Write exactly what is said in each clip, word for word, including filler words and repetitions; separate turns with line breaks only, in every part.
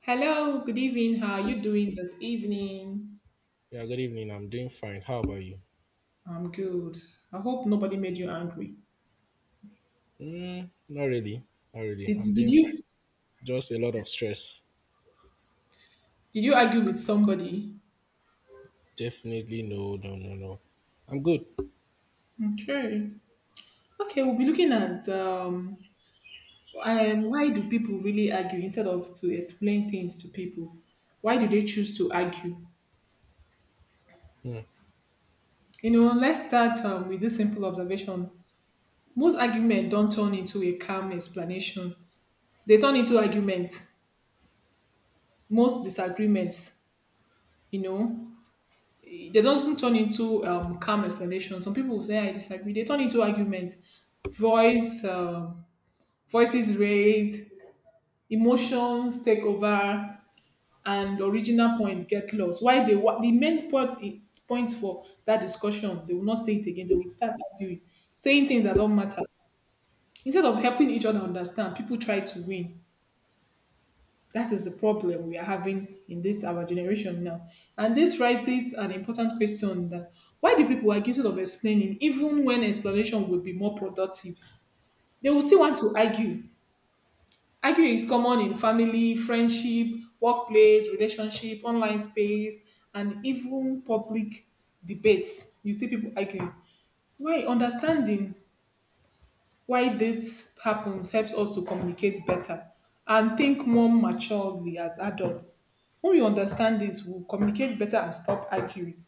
Hello, good evening. How are you doing this evening?
Yeah, good evening. I'm doing fine. How about you?
I'm good. I hope nobody made you angry.
Mm, not really. Not really.
Did,
I'm
did
doing fine.
you
Just a lot of stress.
did you argue with somebody?
Definitely no, no, no, no. I'm good.
Okay. Okay, we'll be looking at um, um why do people really argue instead of to explain things to people? Why do they choose to argue?
Mm,
You know, let's start um, with this simple observation. Most arguments don't turn into a calm explanation. They turn into arguments. Most disagreements, you know. they do not turn into um, calm explanation. Some people will say I disagree. They turn into arguments. Voice, um, voices raised, emotions take over, and original point get lost. Why they wa- the main point point for that discussion, they will not say it again. They will start arguing, saying things that don't matter. Instead of helping each other understand, people try to win. That is the problem we are having in this our generation now. And this raises an important question that why do people are guilty of explaining even when explanation would be more productive? They will still want to argue. Arguing is common in family, friendship, workplace, relationship, online space, and even public debates. You see people arguing. Why understanding why this happens helps us to communicate better and think more maturely as adults. When we understand this, we'll communicate better and stop arguing.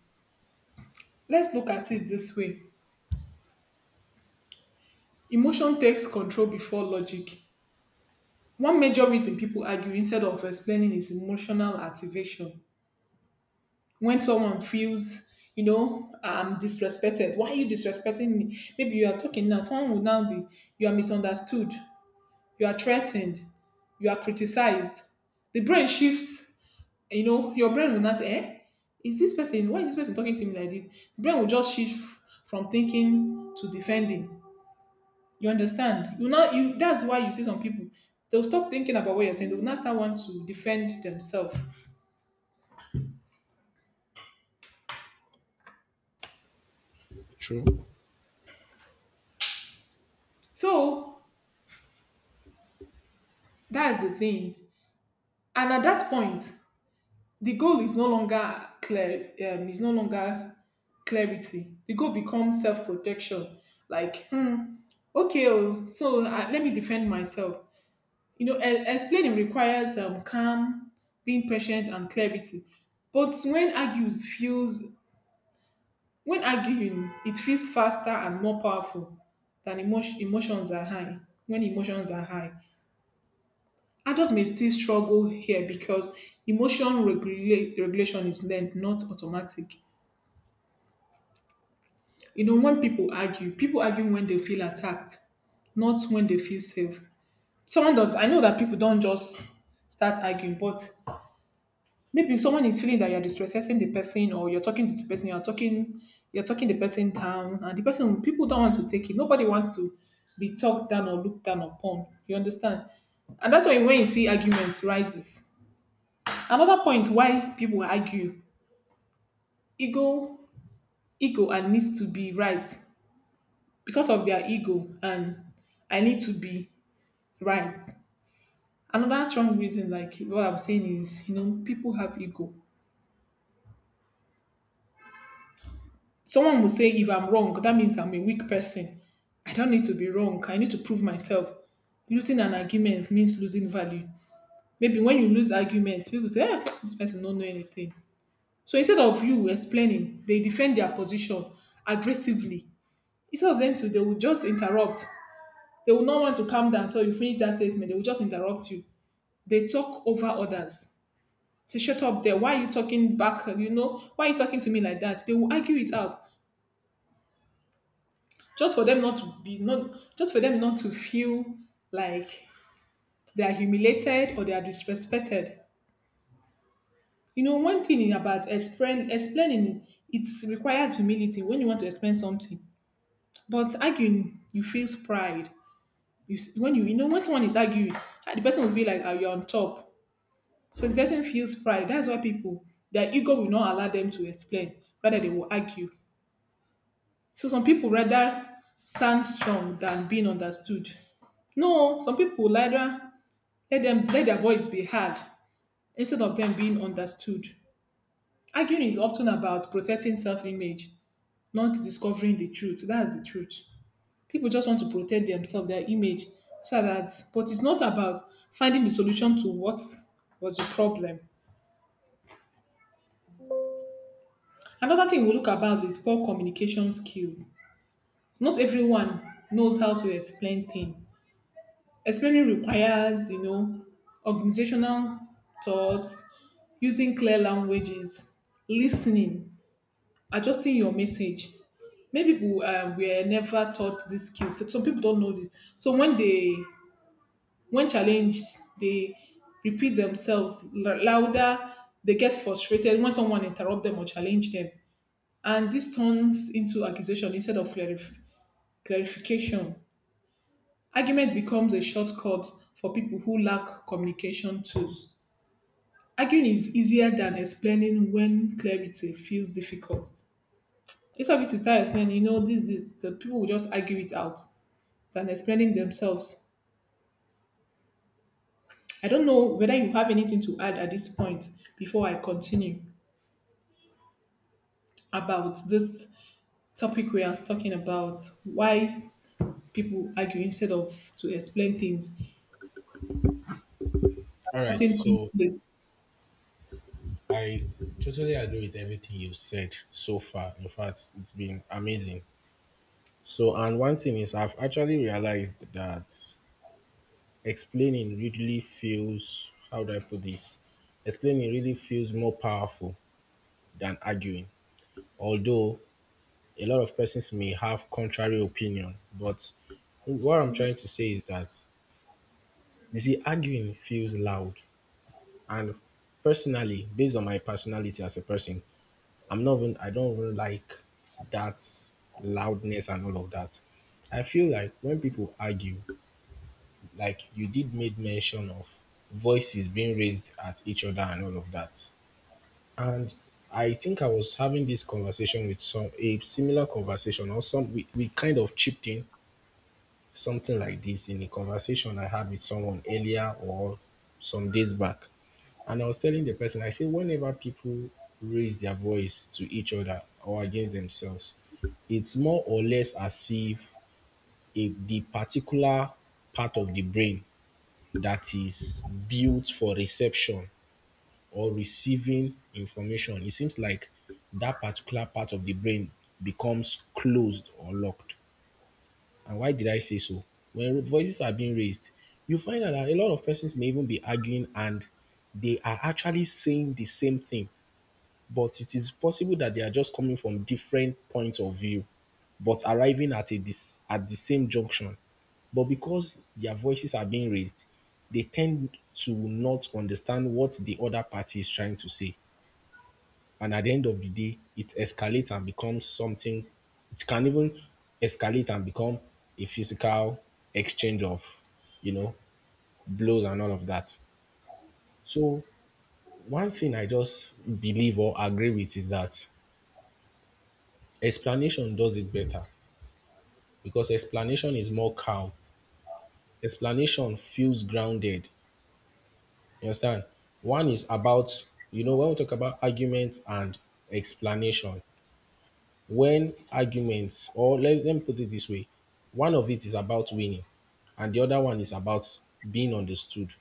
Let's look at it this way: emotion takes control before logic. One major reason people argue instead of explaining is emotional activation. When someone feels, you know, I'm disrespected. Why are you disrespecting me? Maybe you are talking now, someone will now be, you are misunderstood, you are threatened, you are criticized. The brain shifts, you know, your brain will not say, eh? Is this person, why is this person talking to me like this? The brain will just shift from thinking to defending. You understand? You know, you that's why you see some people, they'll stop thinking about what you're saying, they will not start want to defend themselves.
true.
So that's the thing. And at that point, the goal is no longer clear um, is no longer clarity the goal becomes self-protection, like, hmm, okay, oh, so, uh, let me defend myself. You know, e- explaining requires um, calm, being patient and clarity. But when argues feels when arguing it feels faster and more powerful than emotion, emotions are high. When emotions are high, adult may still struggle here because emotion regula- regulation is learned, not automatic. You know, when people argue, people argue when they feel attacked, not when they feel safe. Someone that I know that people don't just start arguing, but maybe someone is feeling that you're distressing the person or you're talking to the person, you're talking, you're talking the person down, and the person people don't want to take it. Nobody wants to be talked down or looked down upon. You understand? And that's why when you see arguments rises. Another point why people argue: ego. Ego and needs to be right, because of their ego and I need to be right. Another strong reason, like what I'm saying, is, you know, people have ego. Someone will say, if I'm wrong, that means I'm a weak person. I don't need to be wrong. I need to prove myself. Losing an argument means losing value. Maybe when you lose arguments, people say, ah, this person don't know anything. So instead of you explaining, they defend their position aggressively. Instead of them to, they will just interrupt. They will not want to calm down. So you finish that statement, they will just interrupt you. They talk over others. Say, shut up there. Why are you talking back? You know, why are you talking to me like that? They will argue it out. Just for them not to be Not just for them not to feel like they are humiliated or they are disrespected. You know, one thing about explain, explaining it requires humility when you want to explain something. But arguing, you feel pride. You s- when you you know when someone is arguing, ah, the person will feel like, "Are you on top?" So the person feels pride. That's why people, their ego will not allow them to explain. Rather, they will argue. So some people rather sound strong than being understood. No, some people will rather let them let their voice be heard instead of them being understood. Arguing is often about protecting self-image, not discovering the truth. That's the truth. People just want to protect themselves, their image, so that but it's not about finding the solution to what was the problem. Another thing we look about is poor communication skills. Not everyone knows how to explain things. Explaining requires, you know, organizational thoughts, using clear languages, listening, adjusting your message. Many people uh, were never taught these skills. So some people don't know this. So when they when challenged, they repeat themselves l- louder. They get frustrated when someone interrupt them or challenge them. And this turns into accusation instead of clarif- clarification. Argument becomes a shortcut for people who lack communication tools. Arguing is easier than explaining when clarity feels difficult. Instead of it, you start explaining, you know, this, this, the people will just argue it out than explaining themselves. I don't know whether you have anything to add at this point before I continue about this topic we are talking about: why people argue instead of to explain things,
All right.
causing
So
conflict.
I totally agree with everything you've said so far. In fact, it's been amazing. So, and one thing is, I've actually realized that explaining really feels, how do I put this? Explaining really feels more powerful than arguing. Although a lot of persons may have contrary opinion, but what I'm trying to say is that you see, arguing feels loud, and personally, based on my personality as a person, I'm not even I don't even like that loudness and all of that. I feel like when people argue, like you did made mention of voices being raised at each other and all of that. And I think I was having this conversation with some a similar conversation or some we, we kind of chipped in something like this in a conversation I had with someone earlier or some days back. And I was telling the person, I say, whenever people raise their voice to each other or against themselves, it's more or less as if a, the particular part of the brain that is built for reception or receiving information, it seems like that particular part of the brain becomes closed or locked. And why did I say so? When voices are being raised, you find out that a lot of persons may even be arguing and they are actually saying the same thing, but it is possible that they are just coming from different points of view, but arriving at a dis- at the same junction. But because their voices are being raised, they tend to not understand what the other party is trying to say. And at the end of the day, it escalates and becomes something, it can even escalate and become a physical exchange of, you know, blows and all of that. So, one thing I just believe or agree with is that explanation does it better because explanation is more calm. Explanation feels grounded. You understand? One is about, you know, when we talk about argument and explanation, when arguments or let, let me put it this way, one of it is about winning and the other one is about being understood,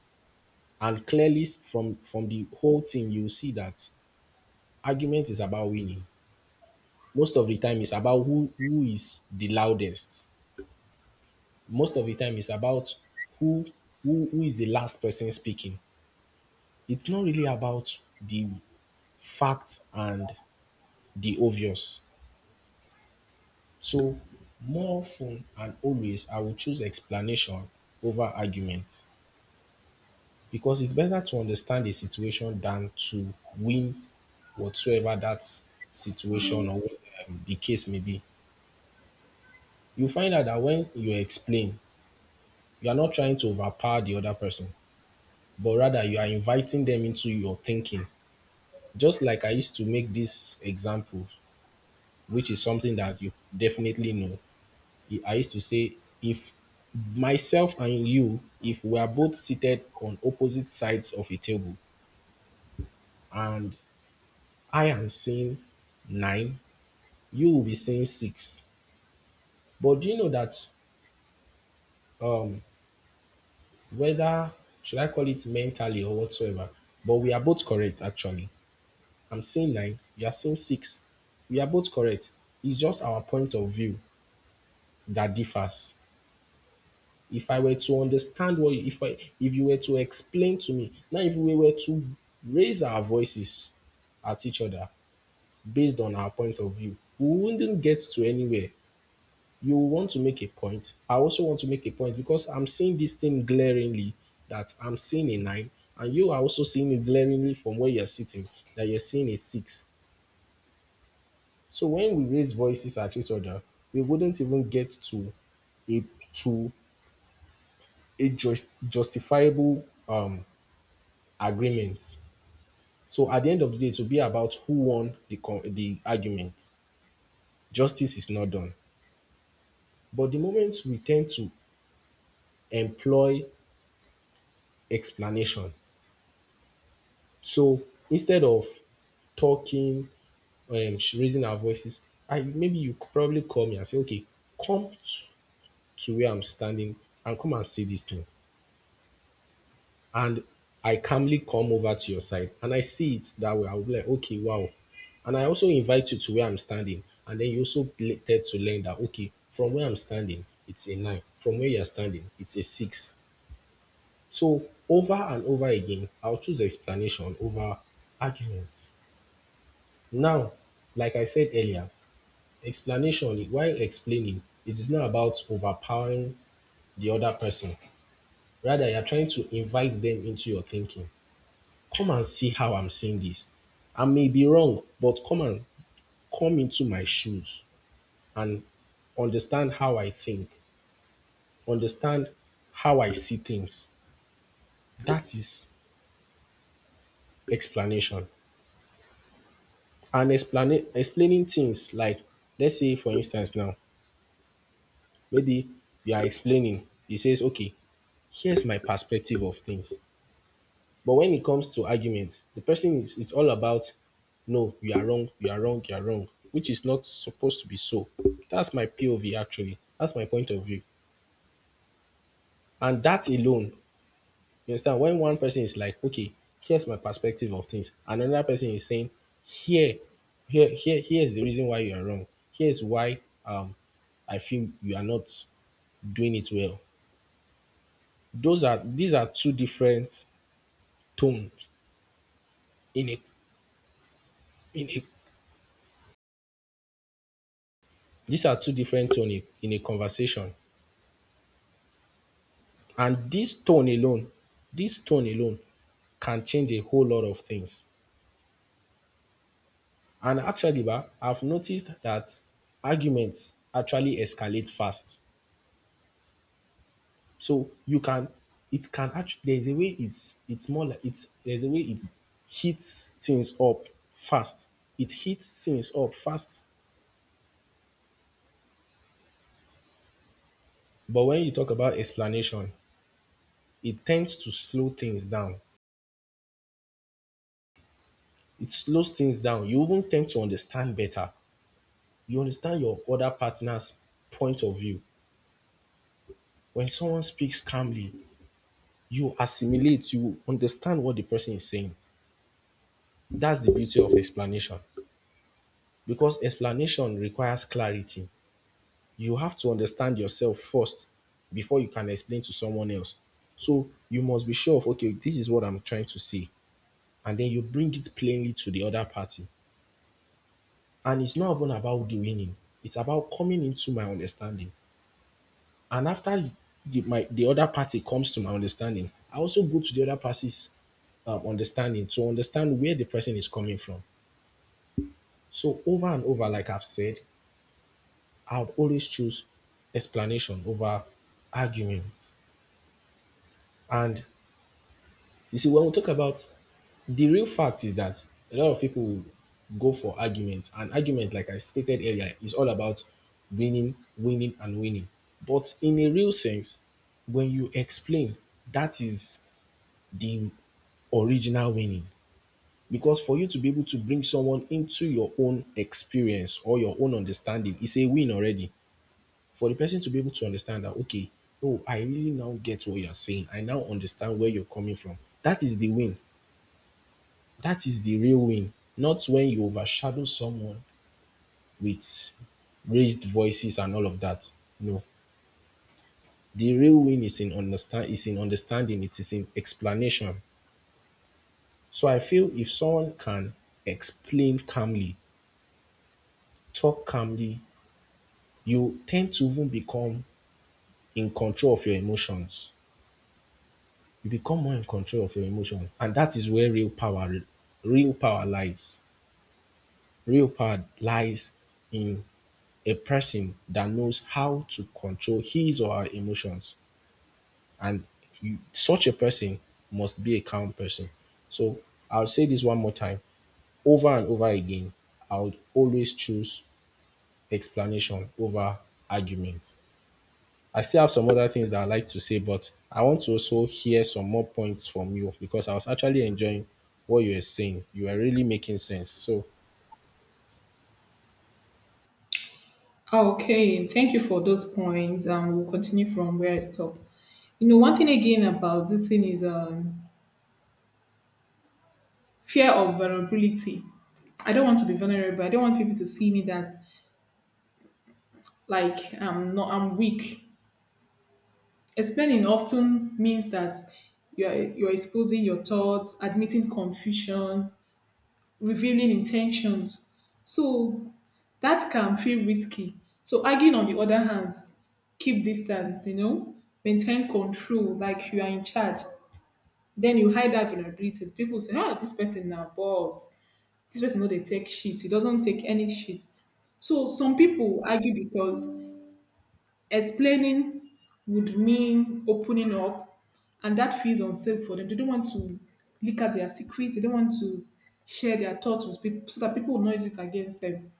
and clearly, from from the whole thing you see that argument is about winning. Most of the time it's about who who is the loudest. Most of the time it's about who who, who is the last person speaking. It's not really about the facts and the obvious. So, more often and always, I will choose explanation over argument because it's better to understand a situation than to win whatsoever that situation or um, the case may be. You find out that when you explain, you are not trying to overpower the other person, but rather you are inviting them into your thinking. Just like I used to make this example, which is something that you definitely know. I used to say, if myself and you, if we are both seated on opposite sides of a table and I am saying nine, you will be saying six. But do you know that, um, whether should I call it mentally or whatsoever, but we are both correct actually. I'm saying nine, you are saying six. We are both correct. It's just our point of view that differs. If I were to understand what if I if you were to explain to me now, if we were to raise our voices at each other based on our point of view, we wouldn't get to anywhere. You want to make a point, I also want to make a point, because I'm seeing this thing glaringly, that I'm seeing a nine, and you are also seeing it glaringly from where you're sitting, that you're seeing a six. So when we raise voices at each other we wouldn't even get to a to a just, justifiable um agreement. So at the end of the day, it will be about who won the con- the argument. Justice is not done. But the moment we tend to employ explanation, so instead of talking, um, sh- raising our voices, I maybe you could probably call me and say, okay, come t- to where I'm standing and come and see this thing. And I calmly come over to your side and I see it that way, I'll be like, okay, wow. And I also invite you to where I'm standing. And then you also later to learn that, okay, from where I'm standing, it's a nine. From where you're standing, it's a six. So over and over again, I'll choose explanation over argument. Now, like I said earlier, explanation, while explaining, it is not about overpowering the other person. Rather, you're trying to invite them into your thinking. Come and see how I'm seeing this. I may be wrong, but come and come into my shoes and understand how I think, understand how I see things. That is explanation. And explain, explaining things like, let's say, for instance, now, maybe you are explaining, he says, okay, here's my perspective of things. But when it comes to argument, the person is it's all about no, you are wrong, you are wrong, you are wrong, which is not supposed to be so. That's my P O V actually. That's my point of view. And that alone, you understand, when one person is like, okay, here's my perspective of things, and another person is saying, here, here, here, here's the reason why you are wrong. Here's why um I feel you are not doing it well. Those are These are two different tones in a in a these are two different tones in a conversation. And this tone alone, this tone alone can change a whole lot of things. And actually, ba, I've noticed that arguments actually escalate fast. So you can, it can actually, there's a way it's, it's more like, it's, there's a way it heats things up fast. It heats things up fast. But when you talk about explanation, it tends to slow things down. It slows things down. You even tend to understand better. You understand your other partner's point of view. When someone speaks calmly, you assimilate, you understand what the person is saying. That's the beauty of explanation. Because explanation requires clarity. You have to understand yourself first before you can explain to someone else. So you must be sure of, okay, this is what I'm trying to say. And then you bring it plainly to the other party. And it's not even about the winning, it's about coming into my understanding. And after the, my, the other party comes to my understanding, I also go to the other party's um, understanding to understand where the person is coming from. So over and over, like I've said, I would always choose explanation over arguments. And you see, when we talk about the real fact is that a lot of people will go for arguments. And argument, like I stated earlier, is all about winning, winning, and winning. But in a real sense, when you explain, that is the original winning. Because for you to be able to bring someone into your own experience or your own understanding is a win already. For the person to be able to understand that, okay, oh, I really now get what you're saying. I now understand where you're coming from. That is the win. That is the real win. Not when you overshadow someone with raised voices and all of that. No. The real win is in understand is in understanding, it is in explanation. So I feel if someone can explain calmly, talk calmly, you tend to even become in control of your emotions. You become more in control of your emotions. And that is where real power real power lies. Real power lies in a person that knows how to control his or her emotions. And you, such a person must be a calm person. So I'll say this one more time over and over again. I would always choose explanation over argument. I still have some other things that I like to say, but I want to also hear some more points from you because I was actually enjoying what you were saying. You were really making sense. So,
Ah, okay, thank you for those points. Um, we'll continue from where I stopped. You know, one thing again about this thing is, um, fear of vulnerability. I don't want to be vulnerable. I don't want people to see me that, like, I'm not, I'm weak. Explaining often means that you're you're exposing your thoughts, admitting confusion, revealing intentions. So that can feel risky. So arguing, on the other hand, keep distance, you know, maintain control, like you are in charge. Then you hide that vulnerability. People say, ah, this person now balls. This person know they take shit. He doesn't take any shit. So some people argue because explaining would mean opening up, and that feels unsafe for them. They don't want to leak out their secrets. They don't want to share their thoughts with people so that people will not use it against them.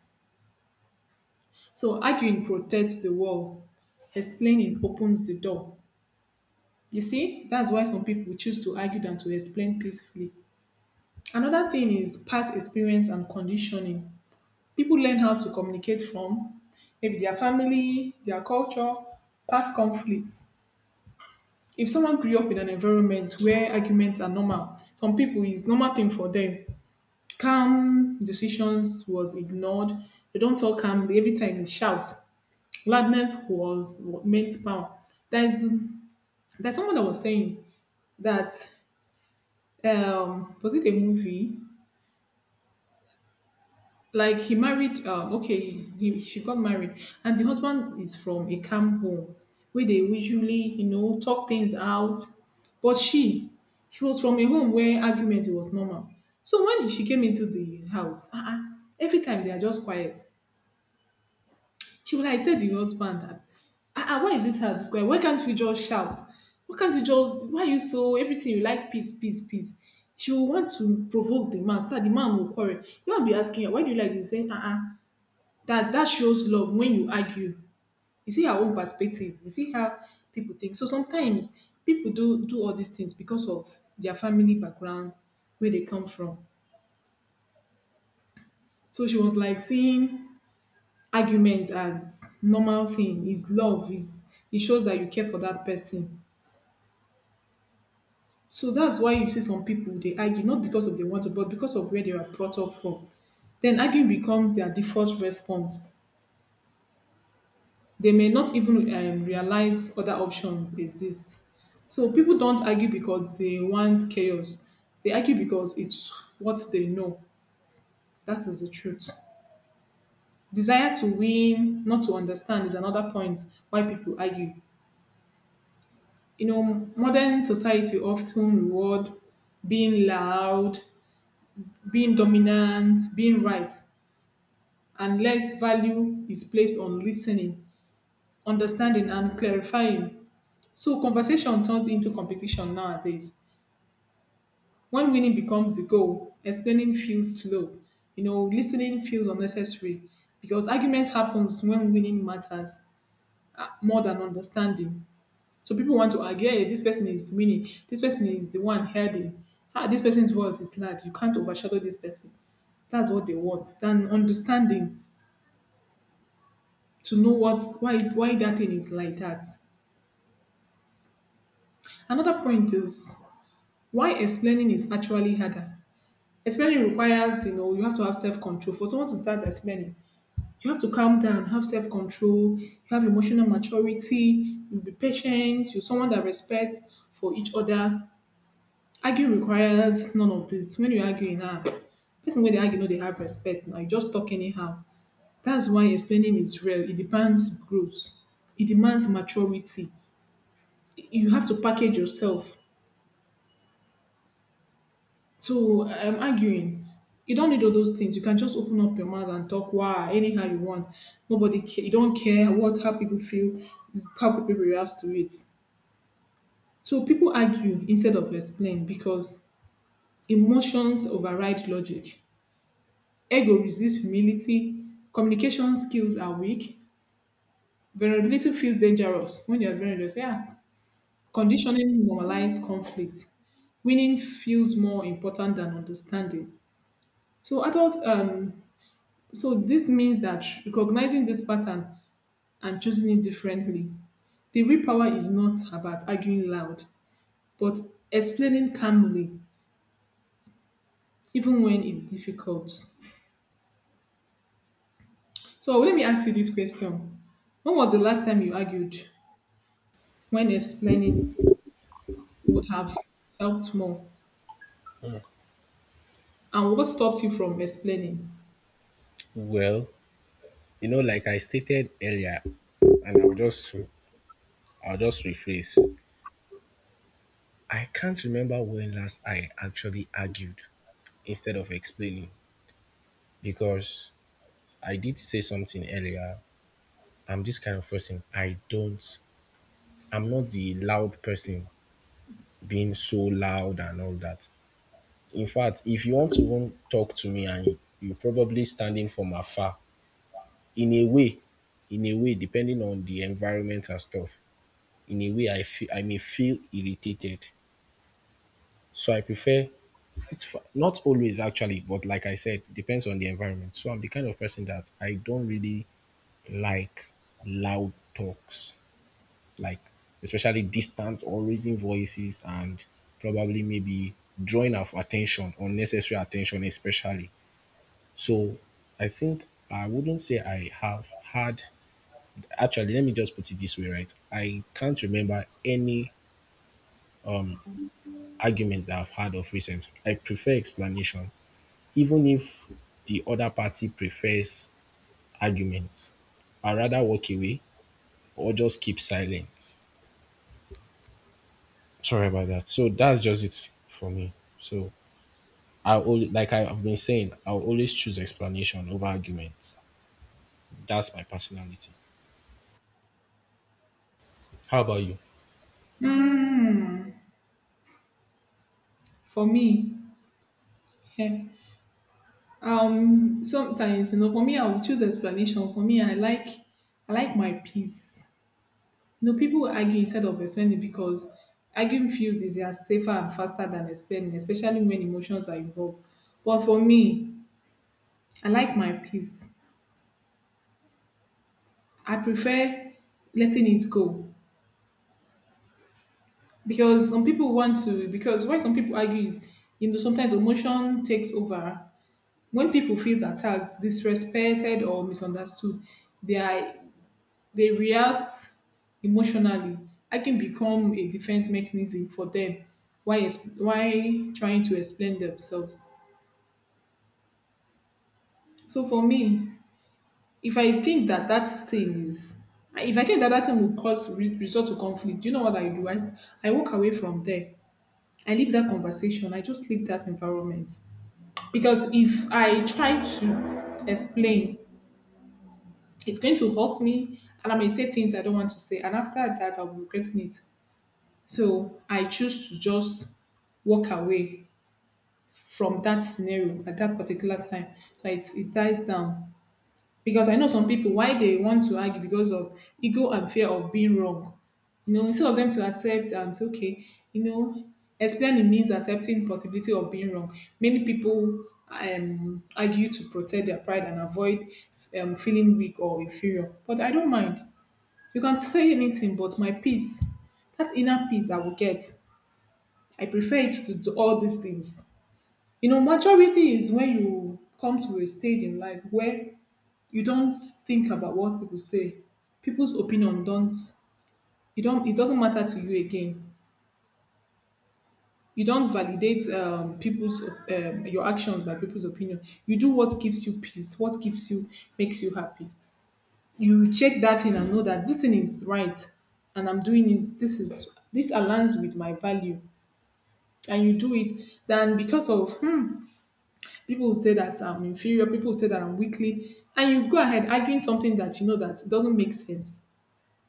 So arguing protects the wall, explaining opens the door. You see, that's why some people choose to argue than to explain peacefully. Another thing is past experience and conditioning. People learn how to communicate from maybe their family, their culture, past conflicts. If someone grew up in an environment where arguments are normal, some people it's normal thing for them. Calm decisions was ignored. They don't talk calmly. Every time they shout. Gladness was meant power. There's there's someone that was saying that, um was it a movie? Like he married um okay he, she got married, and the husband is from a camp home where they usually, you know talk things out, but she she was from a home where argument was normal. So when she came into the house, uh-uh, every time they are just quiet. She was like, tell the husband that, ah, ah, why is this hard to square? Why can't we just shout? Why can't you just, why are you so, everything you like, peace, peace, peace? She will want to provoke the man so that the man will quarrel. You won't be asking her, why do you like this? Saying, ah, ah? that, that shows love when you argue. You see her own perspective. You see how people think. So sometimes people do, do all these things because of their family background, where they come from. So she was like seeing argument as normal thing is love, is it shows that you care for that person. So that's why you see some people, they argue not because of they want to, but because of where they were brought up from. Then arguing becomes their default response. They may not even um, realize other options exist. So people don't argue because they want chaos. They argue because it's what they know. That is the truth. Desire to win, not to understand, is another point why people argue. You know, modern society often reward being loud, being dominant, being right, and less value is placed on listening, understanding, and clarifying. So conversation turns into competition nowadays. When winning becomes the goal, explaining feels slow. You know, listening feels unnecessary, because argument happens when winning matters uh, more than understanding. So people want to argue, hey, this person is mini, this person is the one heading. Ah, this person's voice is loud. You can't overshadow this person. That's what they want. Then understanding, to know what why why that thing is like that. Another point is why explaining is actually harder. Explaining requires, you know, you have to have self-control. For someone to start explaining, you have to calm down, have self-control, you have emotional maturity, you be patient, you're someone that respects for each other. Argue requires none of this. When you argue in app, person wey dey argue no dey have respect na, you just talk anyhow. That's why explaining is real. It demands growth. It demands maturity. You have to package yourself. So I'm arguing. You don't need all those things. You can just open up your mouth and talk wow anyhow you want. Nobody care. You don't care what how people feel, how people react to it. So people argue instead of explain because emotions override logic. Ego resists humility. Communication skills are weak. Vulnerability feels dangerous. When you're vulnerable, say, ah, conditioning normalizes conflict. Winning feels more important than understanding. So adult, um, so this means that recognizing this pattern and choosing it differently. The real power is not about arguing loud, but explaining calmly, even when it's difficult. So let me ask you this question. When was the last time you argued when explaining would have helped more? And what stopped you from explaining?
well, you know, like I stated earlier, and I'll just I'll just rephrase. I can't remember when last I actually argued instead of explaining because I did say something earlier. I'm this kind of person. I don't I'm not the loud person, being so loud and all that. In fact, if you want to even talk to me and you're probably standing from afar, in a way, in a way, depending on the environment and stuff, in a way, I feel I may feel irritated. So I prefer, it's fa- not always actually, but like I said, depends on the environment. So I'm the kind of person that I don't really like loud talks, like especially distant or raising voices, and probably maybe drawing of attention, unnecessary attention, especially. So I think I wouldn't say I have had, actually, let me just put it this way, right? I can't remember any argument that I've had of recent. I prefer explanation, even if the other party prefers arguments. I rather walk away or just keep silent. Sorry about that. So that's just it for me. So I only like I've been saying, I'll always choose explanation over arguments. That's my personality. How about you?
For me, eh, um, sometimes you know, for me, I would choose explanation. For me, I like, I like my peace. You know, people will argue instead of explaining because arguing feels easier, safer, and faster than explaining, especially when emotions are involved. But for me, I like my peace. I prefer letting it go because some people want to because why some people argue is, you know, sometimes emotion takes over when people feels attacked, disrespected, or misunderstood. They are they react emotionally. I can become a defense mechanism for them. Why ex- while trying to explain themselves, so for me, if I think that that thing is if I think that that thing will cause re- result to conflict, do you know what I do? I, I walk away from there. I leave that conversation, I just leave that environment, because if I try to explain, it's going to hurt me and I may say things I don't want to say. And after that, I'll be regretting it. So I choose to just walk away from that scenario at that particular time. So it, it dies down. Because I know some people, why they want to argue because of ego and fear of being wrong. You know, instead of them to accept and say, okay, you know, explaining means accepting possibility of being wrong. Many people um, argue to protect their pride and avoid um, feeling weak or inferior. But I don't mind. You can say anything, but my peace, that inner peace I will get, I prefer it to, to all these things. You know, maturity is when you come to a stage in life where you don't think about what people say. People's opinion don't, you don't, it doesn't matter to you again. You don't validate um, people's, um, your actions by people's opinion. You do what gives you peace, what gives you, makes you happy. You will check that thing and know that this thing is right and I'm doing it. This is, this aligns with my value. And you do it, then because of hmm, people will say that I'm inferior, people will say that I'm weakly, and you go ahead arguing something that you know that doesn't make sense.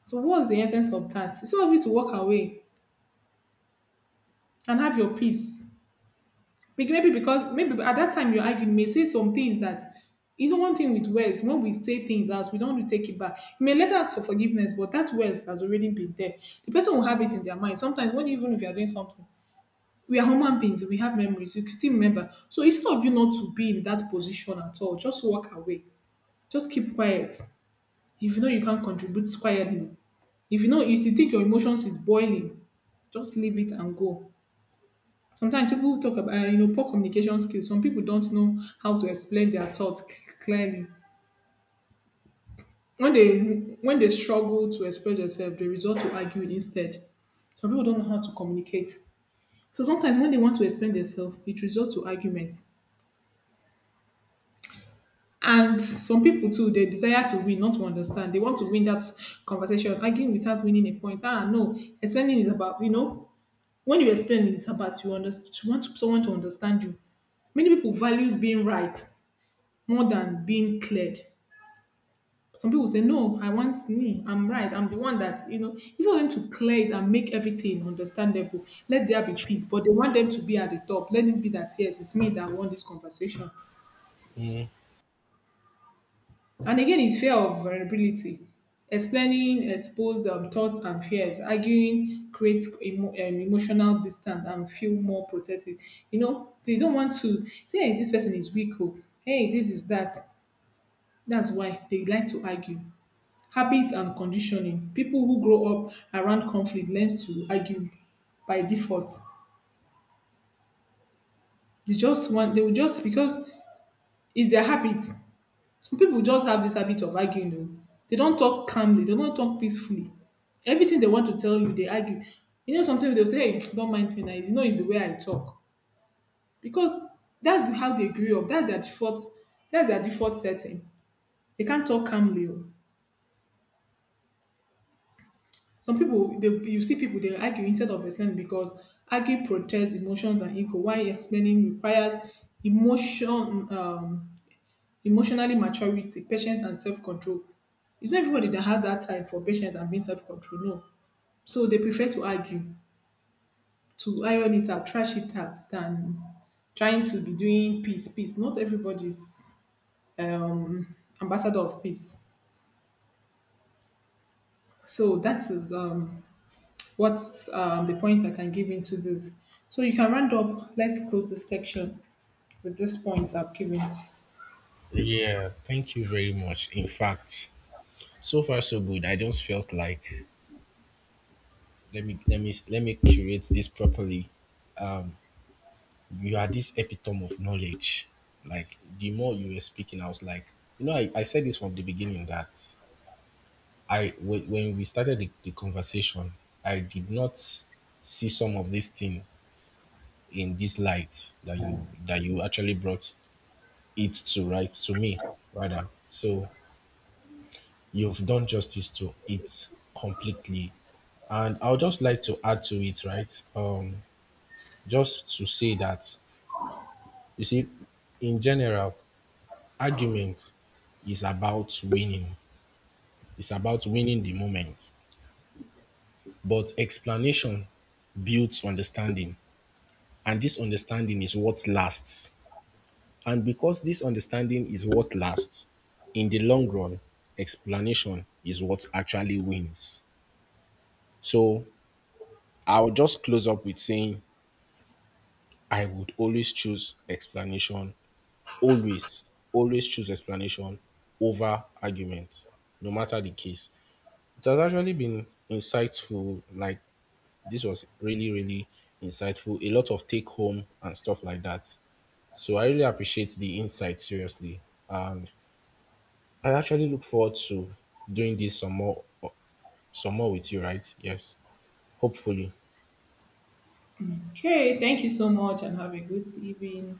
So what's the essence of that? It's all of you to walk away and have your peace. Bec- Maybe because maybe at that time you argue, you may say some things that, you know, one thing with words, when we say things as we don't take it back. You may later ask for forgiveness, but that words has already been there. The person will have it in their mind. Sometimes when even if you are doing something, we are human beings, we have memories, you can still remember. So instead of you not to be in that position at all, just walk away. Just keep quiet. If you know you can't contribute, quietly. If you know, if you think your emotions is boiling, just leave it and go. Sometimes people talk about uh, you know, poor communication skills. Some people don't know how to explain their thoughts c- clearly. when they when they struggle to express themselves, they resort to arguing instead. Some people don't know how to communicate, so sometimes when they want to explain themselves, it results to argument. And some people too, they desire to win, not to understand. They want to win that conversation, arguing without winning a point. Ah, no, explaining is about, you know, when you explain, it's about you understand, you want someone to understand you. Many people values being right more than being cleared. Some people say, no, I want me, I'm right, I'm the one that, you know, you want them to clear it and make everything understandable. Let there be peace. But they want them to be at the top. Let it be that, yes, it's me that won this conversation.
Mm.
And again, it's fear of vulnerability. Explaining, expose um, thoughts and fears. Arguing creates emo- um, emotional distance and feel more protected. You know, they don't want to say, hey, this person is weak. Oh, hey, this is that. That's why they like to argue. Habits and conditioning, people who grow up around conflict learn to argue by default. They just want they will just because It's their habit. Some people just have this habit of arguing, though. They don't talk calmly, they don't talk peacefully. Everything they want to tell you, they argue. You know, sometimes they'll say, hey, don't mind me now, you know, it's the way I talk, because that's how they grew up. That's their default. That's their default setting. They can't talk calmly, oh. Some people, they, you see people, they argue instead of explaining because argue protests emotions and ego. Why explaining requires emotion, um, emotionally maturity, patience, and self control. It's not everybody that has that time for patience and being self control. No, so they prefer to argue, to iron it out, trash it out, than trying to be doing peace. Peace. Not everybody's um, ambassador of peace. So that is um, what's um, the points I can give into this. So you can round up. Let's close this section with these points I've given.
Yeah, thank you very much. In fact, so far so good. I just felt like let me let me let me curate this properly. You are this epitome of knowledge. Like the more you were speaking, I was like, you know, I, I said this from the beginning that I, when when we started the, the conversation, I did not see some of this thing in this light that you that you actually brought it to right to me rather. So you've done justice to it completely. And I would just like to add to it, right? Um, just to say that, you see, in general, argument is about winning, it's about winning the moment. But explanation builds understanding, and this understanding is what lasts. And because this understanding is what lasts, in the long run, explanation is what actually wins. So I'll just close up with saying I would always choose explanation, always, always choose explanation over argument, no matter the case. It has actually been insightful. Like, this was really, really insightful. A lot of take home and stuff like that. So, I really appreciate the insight, seriously. And I actually look forward to doing this some more, some more with you, right? Yes, hopefully.
Okay, thank you so much and have a good evening.